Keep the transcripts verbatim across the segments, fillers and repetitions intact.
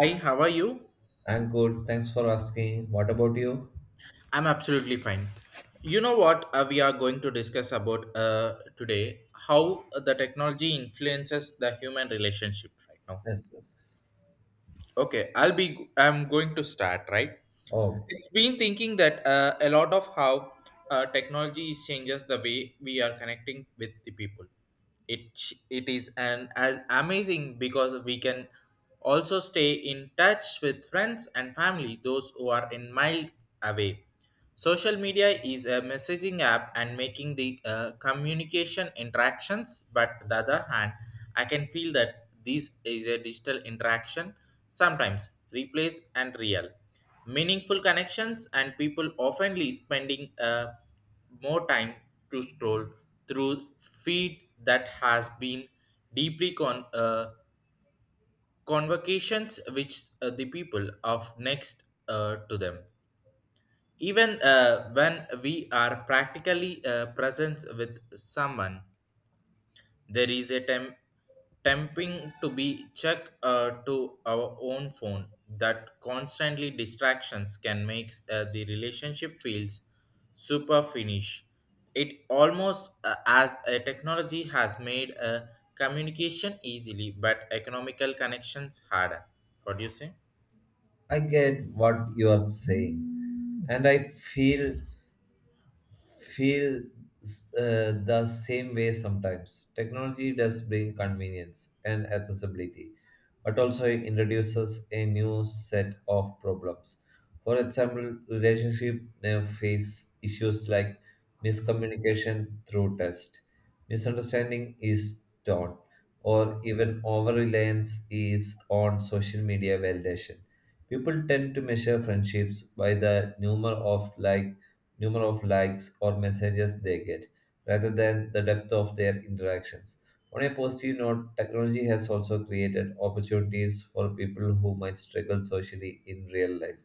Hi, how are you? I'm good. Thanks for asking. What about you? I'm absolutely fine. You know what uh, We are going to discuss about uh, today? How the technology influences the human relationship right now. Yes, yes. Okay, I'll be. I'm going to start. Right. Oh, It's been thinking that uh, a lot of how uh, technology is changes the way we are connecting with the people. it it is an as amazing because we can also stay in touch with friends and family those who are in mile away. Social media is a messaging app and making the uh, communication interactions, but the other hand I can feel that this is a digital interaction sometimes replace and real meaningful connections, and people oftenly spending uh, more time to scroll through feed that has been deeply con- uh, convocations which uh, the people of next uh, to them. Even uh, when we are practically uh, present with someone, there is a temp- tempting to be check uh, to our own phone that constantly distractions can make uh, the relationship feels super finish. It almost uh, as a technology has made uh, communication easily but economical connections harder. What do you say? I get what you are saying. And I feel feel s- uh, the same way sometimes. Technology does bring convenience and accessibility, but also it introduces a new set of problems. For example, relationship now face issues like miscommunication through text, misunderstanding is taught, or even over reliance is on social media validation. People tend to measure friendships by the number of likes number of likes or messages they get, rather than the depth of their interactions. On a positive note, technology has also created opportunities for people who might struggle socially in real life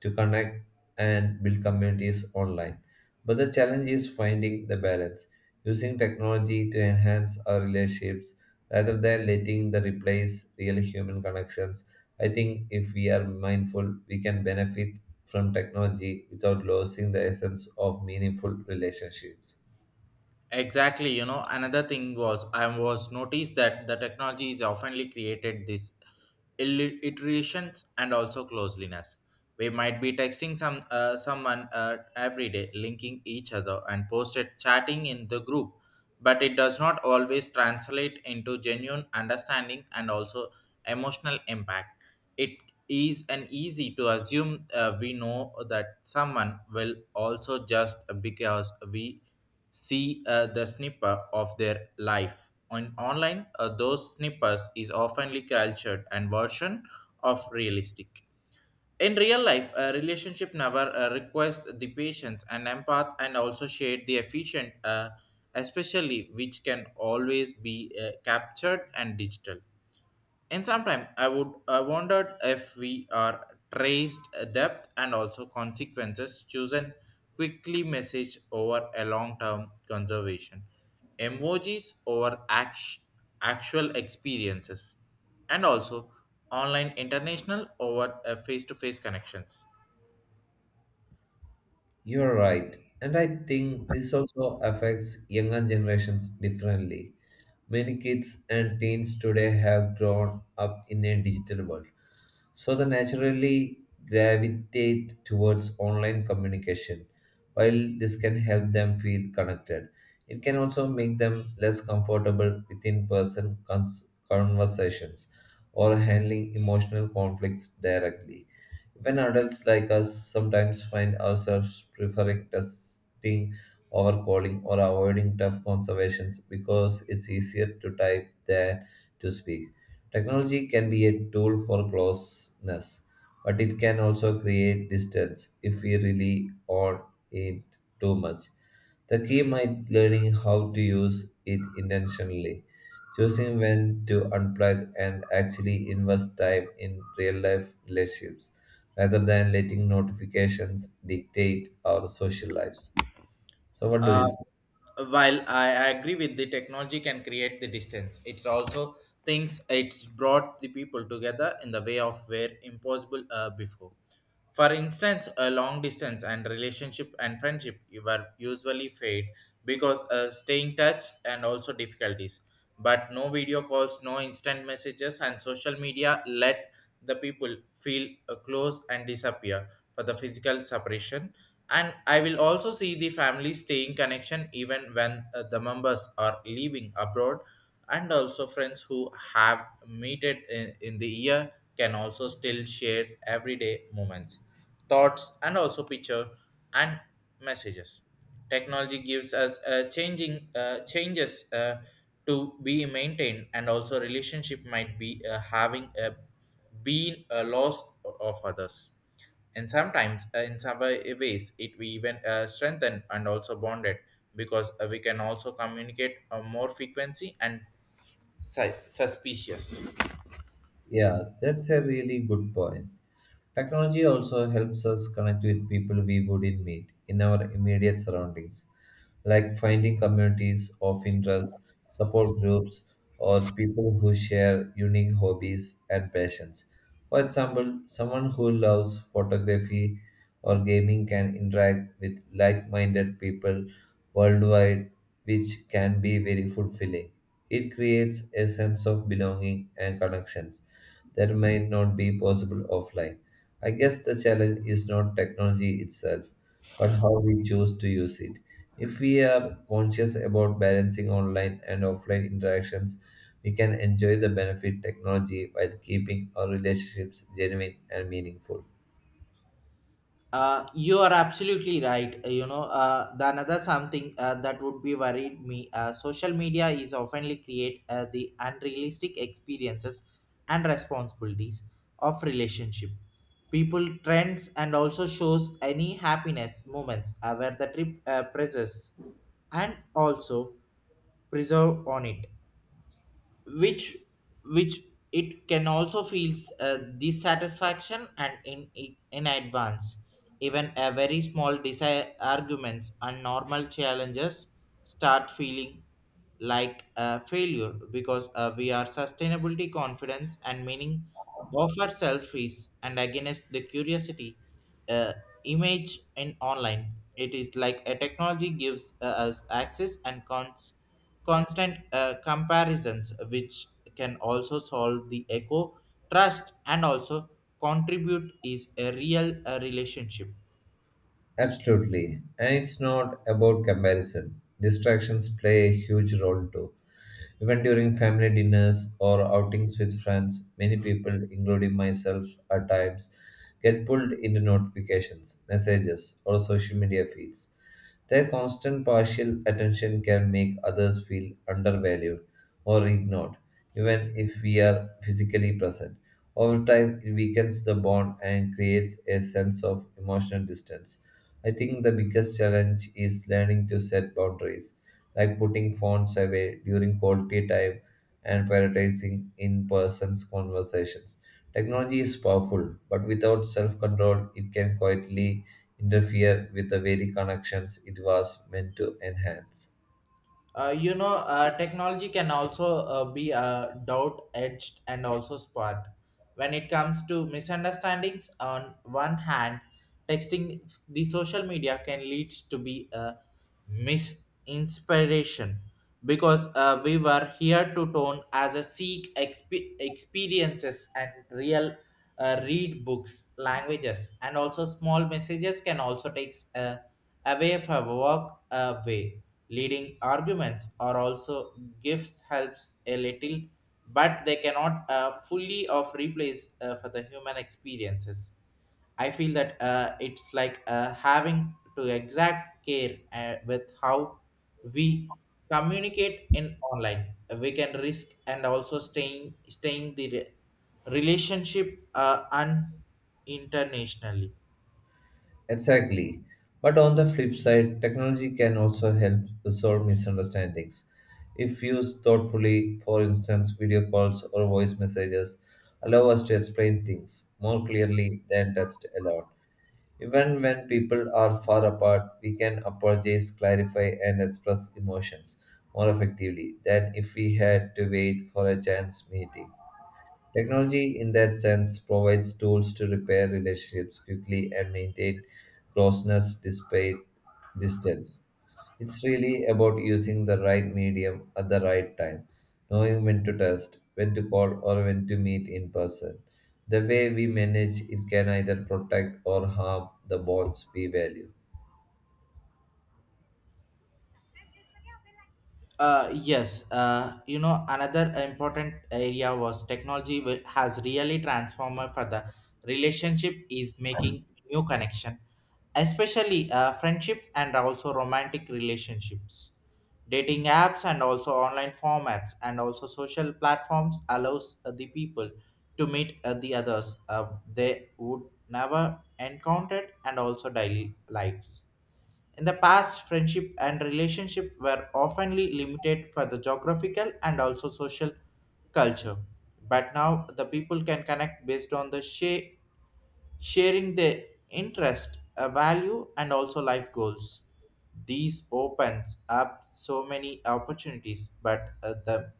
to connect and build communities online. But the challenge is finding the balance, using technology to enhance our relationships rather than letting the replace real human connections. I think if we are mindful, we can benefit from technology without losing the essence of meaningful relationships. Exactly, you know, another thing was I was noticed that the technology is oftenly created this illi- iterations and also closeliness. We might be texting some uh, someone uh, every day, linking each other and posted chatting in the group, but it does not always translate into genuine understanding and also emotional impact. It is an easy to assume uh, we know that someone will also just because we see uh, the snipper of their life. On online, uh, those snippers is oftenly cultured and version of realistic. In real life, a relationship never uh, requires the patience and empath and also share the efficient, uh, especially which can always be uh, captured and digital. In some time, I would I wondered if we are traced depth and also consequences chosen quickly message over a long term conservation, emojis over act- actual experiences, and also online international over face to face connections. You're right, and I think this also affects younger generations differently. Many kids and teens today have grown up in a digital world, so they naturally gravitate towards online communication. While this can help them feel connected, it can also make them less comfortable with in person cons- conversations or handling emotional conflicts directly. When adults like us sometimes find ourselves preferring testing over calling or avoiding tough conversations because it's easier to type than to speak. Technology can be a tool for closeness, but it can also create distance if we rely on it too much. The key might learning how to use it intentionally, choosing when to unplug and actually invest time in real life relationships rather than letting notifications dictate our social lives. So, what do you Uh, say? while I agree with the technology can create the distance, it's also things it's brought the people together in the way of where impossible uh, before. For instance, a long distance and relationship and friendship you were usually fade because uh, staying touch and also difficulties, but no video calls, no instant messages, and social media let the people feel uh, close and disappear for the physical separation. And I will also see the family staying connection even when uh, the members are leaving abroad, and also friends who have meted in, in the year can also still share everyday moments, thoughts, and also picture and messages. Technology gives us uh, changing uh, changes uh, to be maintained, and also relationship might be uh, having a been a loss of others. And sometimes uh, in some way- ways it we even uh, strengthen and also bonded because uh, we can also communicate uh, more frequency and si- suspicious. Yeah, that's a really good point. Technology also helps us connect with people we wouldn't meet in our immediate surroundings, like finding communities of interest, support groups, or people who share unique hobbies and passions. For example, someone who loves photography or gaming can interact with like minded people worldwide, which can be very fulfilling. It creates a sense of belonging and connections that might not be possible offline. I guess the challenge is not technology itself, but how we choose to use it. If we are conscious about balancing online and offline interactions, we can enjoy the benefit technology while keeping our relationships genuine and meaningful. Uh, you are absolutely right. Uh, You know, uh, the another something uh, that would be worried me. Uh, social media is oftenly create uh, the unrealistic experiences and responsibilities of relationship. People trends and also shows any happiness moments uh, where the trip uh, presses and also preserve on it, which which it can also feel uh, dissatisfaction and in in advance. Even a very small desire arguments and normal challenges start feeling like a failure because uh, we are sustainability confidence and meaning of ourselves is and against the curiosity, uh, image in online. It is like a technology gives uh, us access and cons constant uh, comparisons which can also solve the echo trust and also contribute is a real uh, relationship. Absolutely. And it's not about comparison. Distractions play a huge role too. Even during family dinners or outings with friends, many people, including myself at times, get pulled into notifications, messages, or social media feeds. Their constant partial attention can make others feel undervalued or ignored, even if we are physically present. Over time, it weakens the bond and creates a sense of emotional distance. I think the biggest challenge is learning to set boundaries like putting phones away during quality time and prioritizing in person's conversations. Technology is powerful, but without self control, it can quietly interfere with the very connections it was meant to enhance. Uh, you know, uh, technology can also uh, be a doubt edged and also spot. When it comes to misunderstandings, on one hand, texting the social media can leads to be a misinspiration because uh, we were here to tone as a seek exp- experiences and real uh, read books, languages, and also small messages can also take away for walk away. Leading arguments or also gifts helps a little, but they cannot uh, fully of replace uh, for the human experiences. I feel that uh, it's like uh, having to exact care uh, with how we communicate in online. We can risk and also staying staying the re- relationship uh, un- internationally. Exactly. But on the flip side, technology can also help resolve misunderstandings. If used thoughtfully, for instance, video calls or voice messages allow us to explain things more clearly than text alone. Even when people are far apart, we can apologize, clarify, and express emotions more effectively than if we had to wait for a chance meeting. Technology, in that sense, provides tools to repair relationships quickly and maintain closeness despite distance. It's really about using the right medium at the right time, knowing when to text, when to call, or when to meet in person. The way we manage it can either protect or harm the bonds we value. Uh, yes, uh, you know, another important area was technology wi- has really transformed for the relationship is making new connection, especially uh, friendships and also romantic relationships. Dating apps and also online formats and also social platforms allows uh, the people to meet uh, the others uh, they would never encountered and also daily lives. In the past, friendship and relationship were oftenly limited for the geographical and also social culture. But now the people can connect based on the sha- sharing their interest, uh, value, and also life goals. These opens up so many opportunities, but at the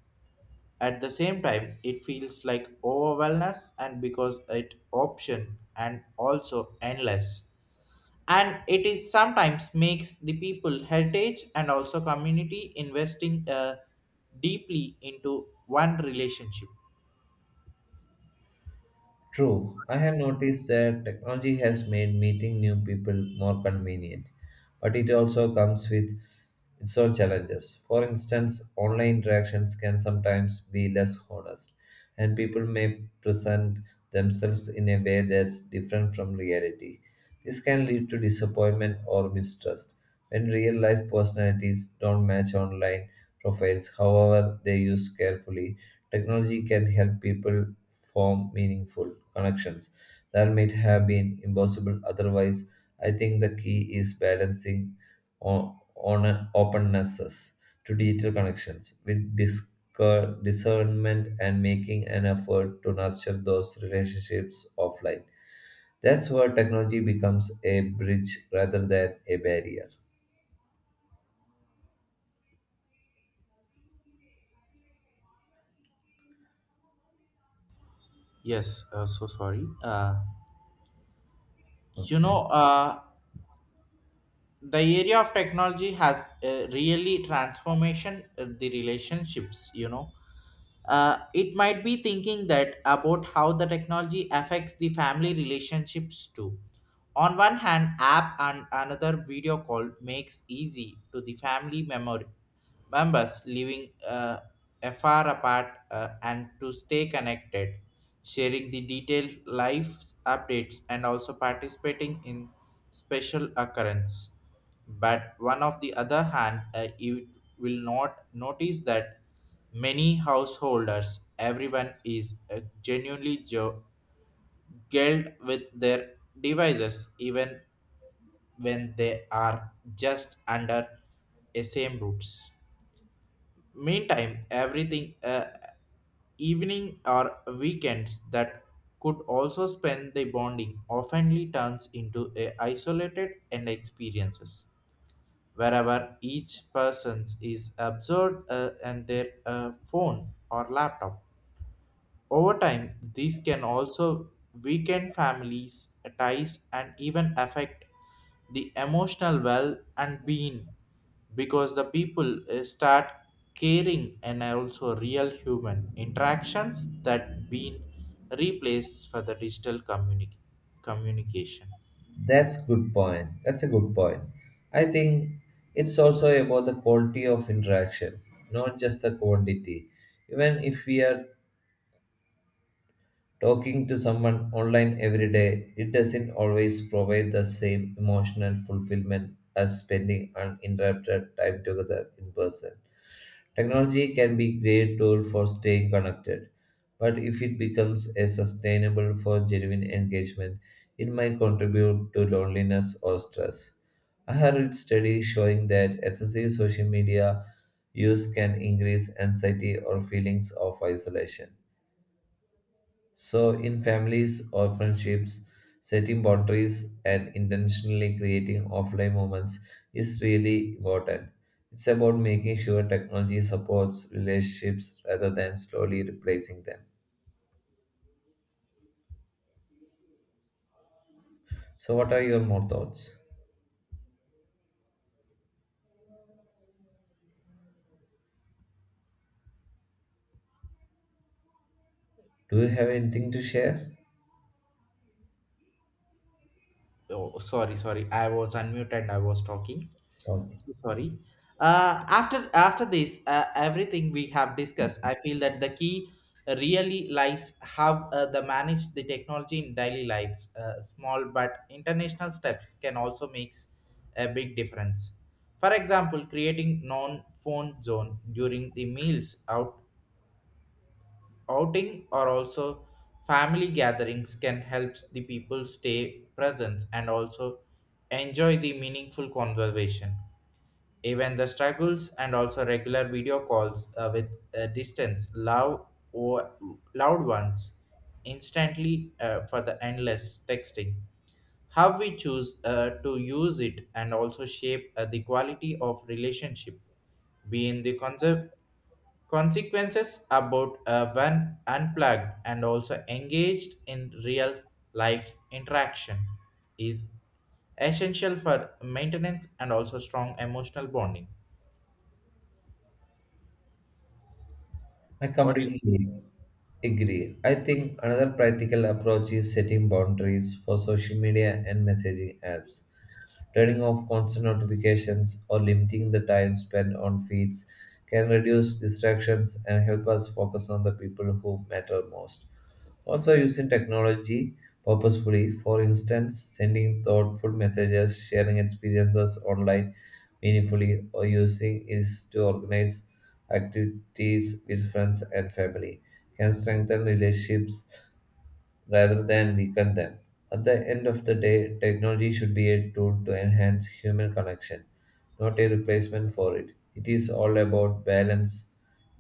at the same time, it feels like overwhelmness and because it option and also endless, and it is sometimes makes the people heritage and also community investing uh, deeply into one relationship. True, I have noticed that technology has made meeting new people more convenient, but it also comes with its own challenges. For instance, online interactions can sometimes be less honest, and people may present themselves in a way that's different from reality. This can lead to disappointment or mistrust. When real life personalities don't match online profiles, however, they used carefully, technology can help people form meaningful connections that might have been impossible otherwise. I think the key is balancing on, on opennesses to digital connections with discern, discernment and making an effort to nurture those relationships offline. That's where technology becomes a bridge rather than a barrier. Yes, uh, so sorry, uh, you Okay. know uh, the area of technology has uh, really transformation uh, the relationships, you know. Uh, it might be thinking that about how the technology affects the family relationships too. On one hand, app and another video call makes easy to the family memory members living uh, far apart uh, and to stay connected, sharing the detailed life updates and also participating in special occurrence. But one of the other hand, uh, you will not notice that many householders, everyone is uh, genuinely jo- guilt with their devices even when they are just under a same roots. Meantime everything, uh, evening or weekends that could also spend the bonding oftenly turns into a isolated and experiences wherever each person is absorbed uh, in their uh, phone or laptop. Over time, these can also weaken families' ties and even affect the emotional well and being because the people uh, start caring and also real human interactions that been replaced for the digital communi- communication. That's good point. That's a good point. I think it's also about the quality of interaction, not just the quantity. Even if we are talking to someone online every day, it doesn't always provide the same emotional fulfillment as spending uninterrupted time together in person. Technology can be a great tool for staying connected, but if it becomes a sustainable for genuine engagement, it might contribute to loneliness or stress. I have read studies showing that excessive social media use can increase anxiety or feelings of isolation. So, in families or friendships, setting boundaries and intentionally creating offline moments is really important. It's about making sure technology supports relationships rather than slowly replacing them. So, what are your more thoughts? Do you have anything to share? Oh, sorry, sorry. I was unmuted. I was talking. Okay. So sorry. Uh, after after this uh, everything we have discussed, I feel that the key really lies how uh, the manage the technology in daily life. Uh, small but international steps can also makes a big difference. For example, creating non phone zone during the meals out, outing or also family gatherings can help the people stay present and also enjoy the meaningful conversation. Even the struggles and also regular video calls uh, with uh, distance, loud or loud ones, instantly uh, for the endless texting. How we choose uh, to use it and also shape uh, the quality of relationship, be in the conserve consequences about uh, when unplugged and also engaged in real life interaction is essential for maintenance and also strong emotional bonding. I What is. completely agree. Agree. I think another practical approach is setting boundaries for social media and messaging apps. Turning off constant notifications or limiting the time spent on feeds can reduce distractions and help us focus on the people who matter most. Also, using technology purposefully, for instance, sending thoughtful messages, sharing experiences online meaningfully, or using it to organize activities with friends and family, can strengthen relationships rather than weaken them. At the end of the day, technology should be a tool to enhance human connection, not a replacement for it. It is all about balance,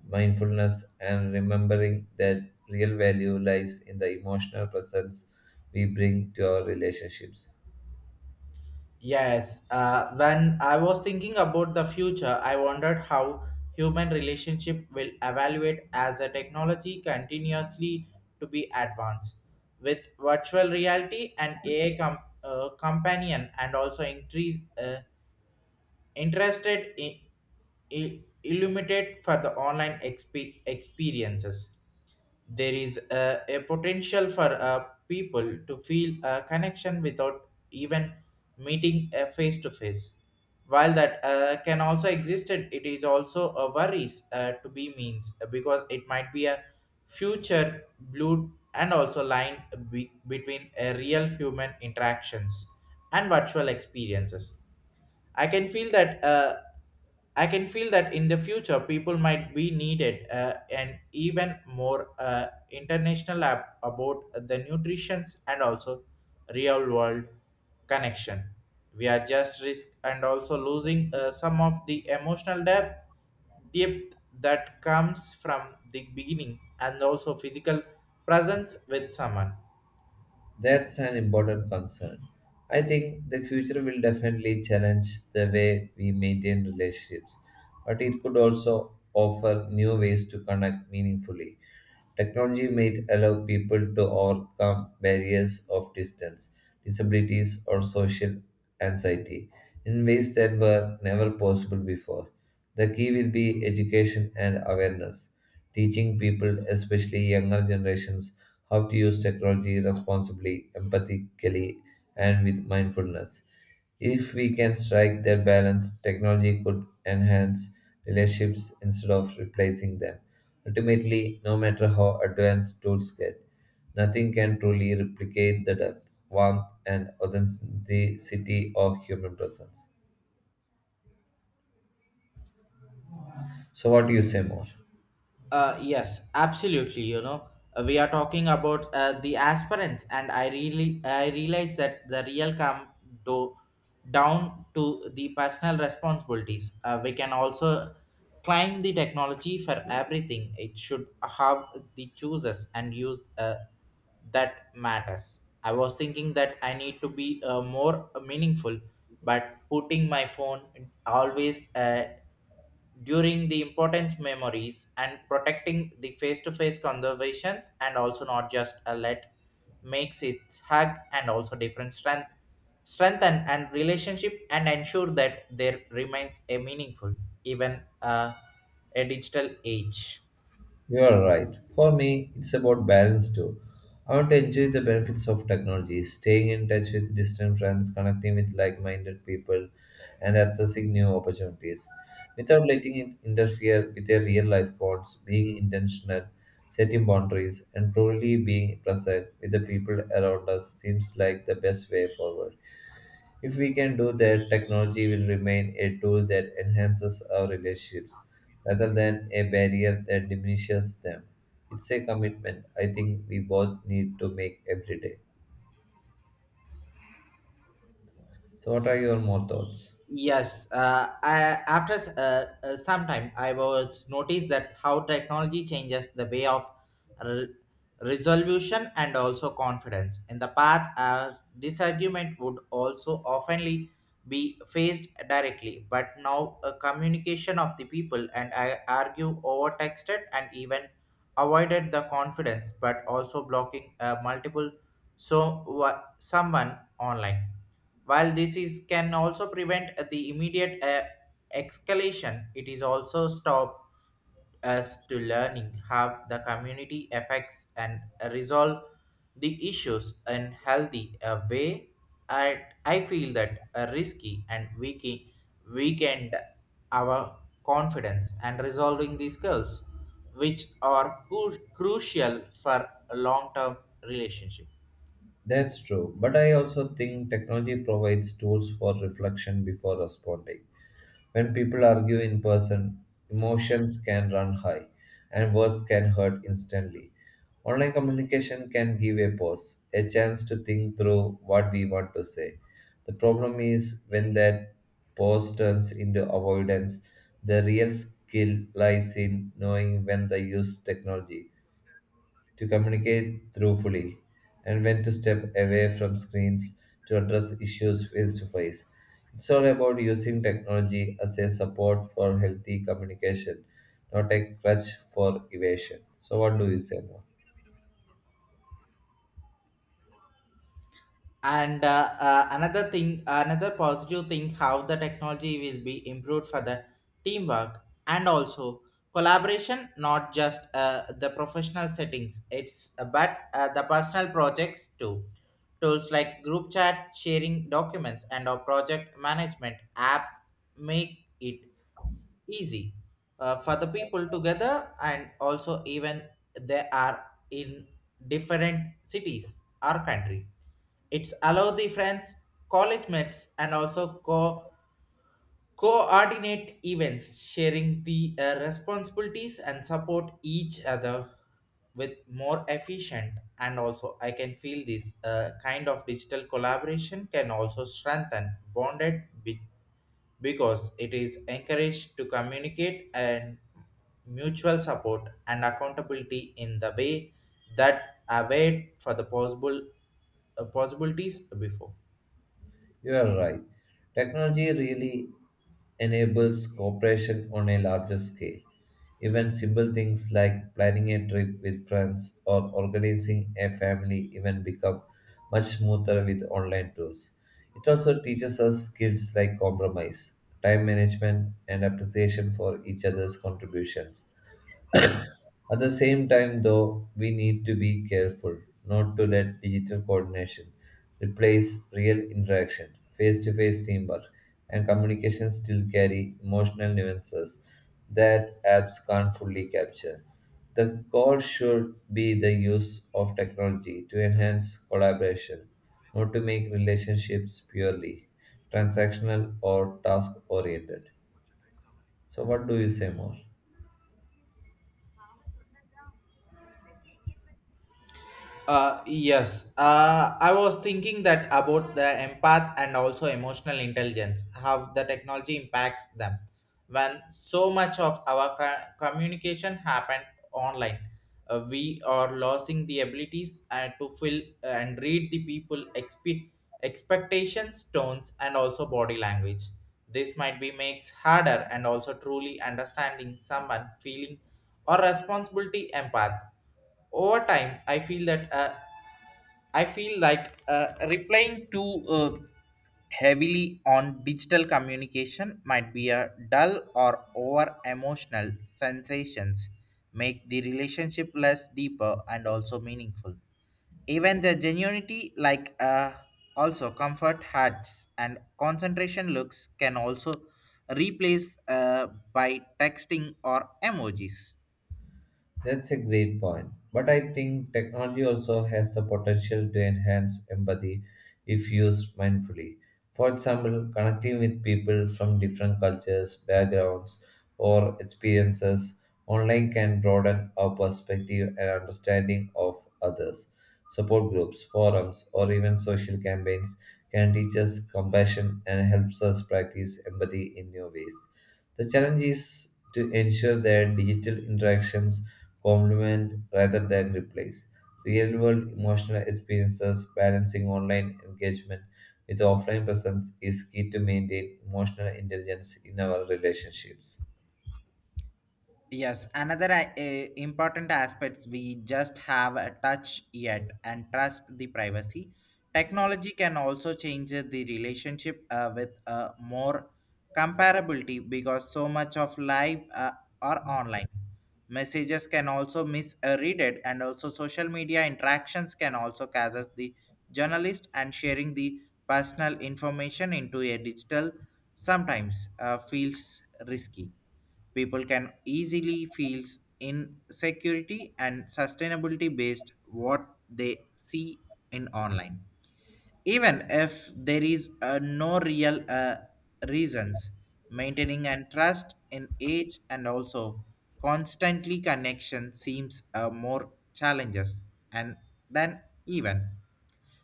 mindfulness, and remembering that real value lies in the emotional presence we bring to our relationships. Yes, uh, when I was thinking about the future, I wondered how human relationship will evaluate as a technology continuously to be advanced. With virtual reality and A I com- uh, companion and also increase uh, interested in, in illuminate for the online exp- experiences, there is a, a potential for uh, people to feel a connection without even meeting a face to face. While that uh, can also exist, it it is also a worries uh, to be means uh, because it might be a future blue and also line be- between a real human interactions and virtual experiences. I can feel that uh, I can feel that in the future people might be needed uh, and even more uh, international app about the nutritions and also real world connection. We are just risk and also losing uh, some of the emotional depth, depth that comes from the beginning and also physical presence with someone. That's an important concern. I think the future will definitely challenge the way we maintain relationships, but it could also offer new ways to connect meaningfully. Technology might allow people to overcome barriers of distance, disabilities, or social anxiety in ways that were never possible before. The key will be education and awareness, teaching people, especially younger generations, how to use technology responsibly, empathically, and with mindfulness. If we can strike that balance, technology could enhance relationships instead of replacing them. Ultimately, no matter how advanced tools get, nothing can truly replicate the depth, warmth, and authenticity of human presence. So, what do you say more? Uh, yes, absolutely. You know, Uh, we are talking about uh, the aspirants, and I really I realize that the real come do, down to the personal responsibilities. Uh, we can also climb the technology for everything. It should have the chooses and use, uh, that matters. I was thinking that I need to be uh, more meaningful, but putting my phone always uh, during the important memories and protecting the face-to-face conversations, and also not just a let makes it hug and also different strength strengthen and relationship and ensure that there remains a meaningful even uh, a digital age. You are right. For me, it's about balance too. I want to enjoy the benefits of technology, staying in touch with distant friends, connecting with like minded people, and accessing new opportunities. Without letting it interfere with their real life bonds. Being intentional, setting boundaries, and truly being present with the people around us seems like the best way forward. If we can do that, technology will remain a tool that enhances our relationships rather than a barrier that diminishes them. It's a commitment I think we both need to make every day. So, what are your more thoughts? Yes, uh, I, after uh, uh, some time, I was noticed that how technology changes the way of re- resolution and also confidence. In the past, a disagreement would also oftenly be faced directly, but now a communication of the people and I argue over texted and even avoided the confidence, but also blocking uh, multiple so wha- someone online while this is can also prevent the immediate uh, escalation, it is also stopped us to learning how the community affects and resolve the issues in healthy uh, way. And I feel that uh, risky and weak weakened our confidence and resolving these skills, which are cru- crucial for long term relationship. That's true, but I also think technology provides tools for reflection before responding. When people argue in person, emotions can run high and words can hurt instantly. Online communication can give a pause, a chance to think through what we want to say. The problem is when that pause turns into avoidance, the real skill lies in knowing when to use technology to communicate truthfully, and when to step away from screens to address issues face to face. It's all about using technology as a support for healthy communication, not a crutch for evasion. So, what do you say more? and uh, uh, another thing, another positive thing how the technology will be improved for the teamwork and also collaboration, not just uh, the professional settings, it's uh, but uh, the personal projects too. Tools like group chat, sharing documents, and our project management apps make it easy uh, for the people together, and also even they are in different cities or country, it's allow the friends, college mates, and also co- coordinate events, sharing the uh, responsibilities and support each other with more efficient. And also, I can feel this uh, kind of digital collaboration can also strengthen bonded be- because it is encouraged to communicate and mutual support and accountability in the way that await for the possible uh, possibilities before. You are right. Technology really enables cooperation on a larger scale. Even simple things like planning a trip with friends or organizing a family event become much smoother with online tools. It also teaches us skills like compromise, time management, and appreciation for each other's contributions. At the same time, though, we need to be careful not to let digital coordination replace real interaction, face to face teamwork, and communication still carry emotional nuances that apps can't fully capture. The goal should be the use of technology to enhance collaboration, not to make relationships purely transactional or task oriented. So, what do you say more? Uh, yes, uh, I was thinking that about the empath and also emotional intelligence, how the technology impacts them. When so much of our co- communication happened online, uh, we are losing the abilities uh, to feel and read the people expe- expectations, tones, and also body language. This might be makes harder and also truly understanding someone feeling or responsibility empath. Over time, I feel that uh, I feel like uh, replying too uh, heavily on digital communication might be a dull or over emotional sensations make the relationship less deeper and also meaningful. Even the genuinity, like uh, also comfort hats and concentration looks, can also replace uh, by texting or emojis. That's a great point. But I think technology also has the potential to enhance empathy if used mindfully. For example, connecting with people from different cultures, backgrounds, or experiences online can broaden our perspective and understanding of others. Support groups, forums, or even social campaigns can teach us compassion and helps us practice empathy in new ways. The challenge is to ensure that digital interactions complement rather than replace. Real world emotional experiences balancing online engagement with offline presence is key to maintain emotional intelligence in our relationships. Yes, another uh, eh, important aspects we just have a touch yet and trust the privacy. Technology can also change the relationship uh, with uh, more comparability, because so much of life uh, are online, messages can also misread it and also social media interactions can also cause us the journalist, and sharing the personal information into a digital sometimes uh, feels risky. People can easily feel insecurity and sustainability based what they see in online. Even if there is uh, no real uh, reasons, maintaining and trust in age and also constantly connection seems uh, more challenges and than even.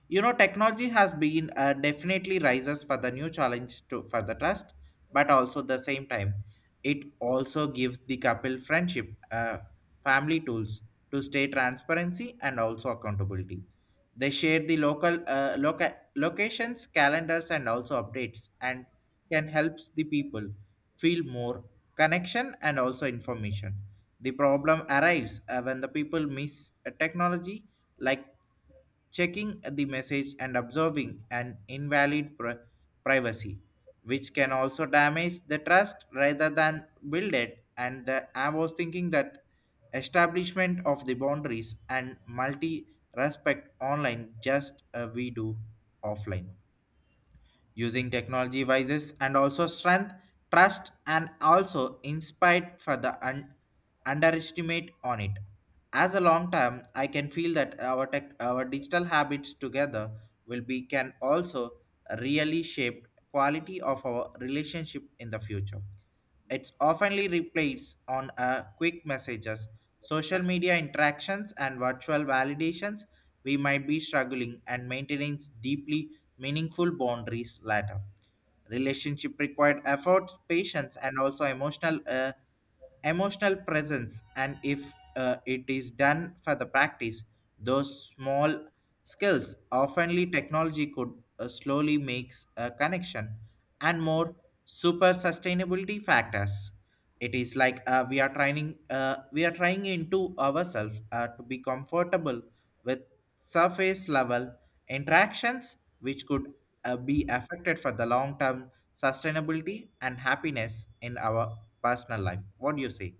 You know, technology has been uh, definitely rises for the new challenge to for the trust, but also the same time, it also gives the couple friendship, uh, family tools to stay transparency and also accountability. They share the local uh, loca- locations, calendars, and also updates, and can helps the people feel more connection and also information. The problem arrives uh, when the people miss uh, technology like checking the message and observing an invalid pri- privacy, which can also damage the trust rather than build it. And the, I was thinking that establishment of the boundaries and multi respect online just uh, we do offline, using technology wises and also strength, trust, and also inspired for the un- underestimate on it. As a long term, I can feel that our tech, our digital habits together will be can also really shape quality of our relationship in the future. It's oftenly replaced on uh, quick messages, social media interactions, and virtual validations. We might be struggling and maintaining deeply meaningful boundaries later. Relationship required efforts, patience, and also emotional uh, emotional presence. And if uh, it is done for the practice, those small skills oftenly technology could uh, slowly makes a connection and more super sustainability factors. It is like uh, we are trying uh, we are trying into ourselves uh, to be comfortable with surface level interactions which could uh, be affected for the long term sustainability and happiness in our personal life. What do you say?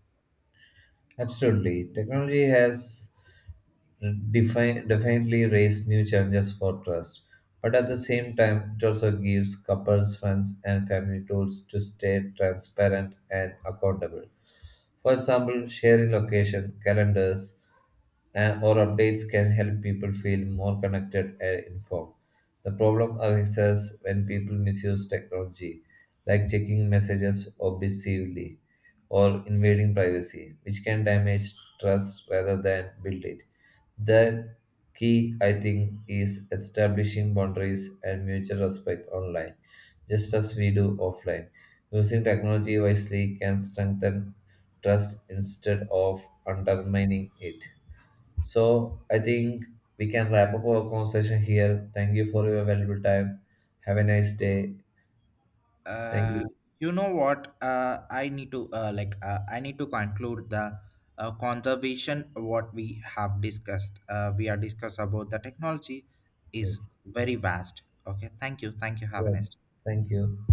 Absolutely. Technology has define, definitely raised new challenges for trust. But at the same time, it also gives couples, friends, and family tools to stay transparent and accountable. For example, sharing location, calendars, uh, or updates can help people feel more connected and informed. The problem arises when people misuse technology, like checking messages obsessively or invading privacy, which can damage trust rather than build it. The key, I think, is establishing boundaries and mutual respect online, just as we do offline. Using technology wisely can strengthen trust instead of undermining it. So I think we can wrap up our conversation here. Thank you for your valuable time. Have a nice day. Thank uh, you. you know what, uh, I need to uh, like uh, I need to conclude the uh, conservation what we have discussed. Uh, we are discussed about the technology is Yes. very vast. Okay, thank you thank you, have a Yeah. nice Thank you.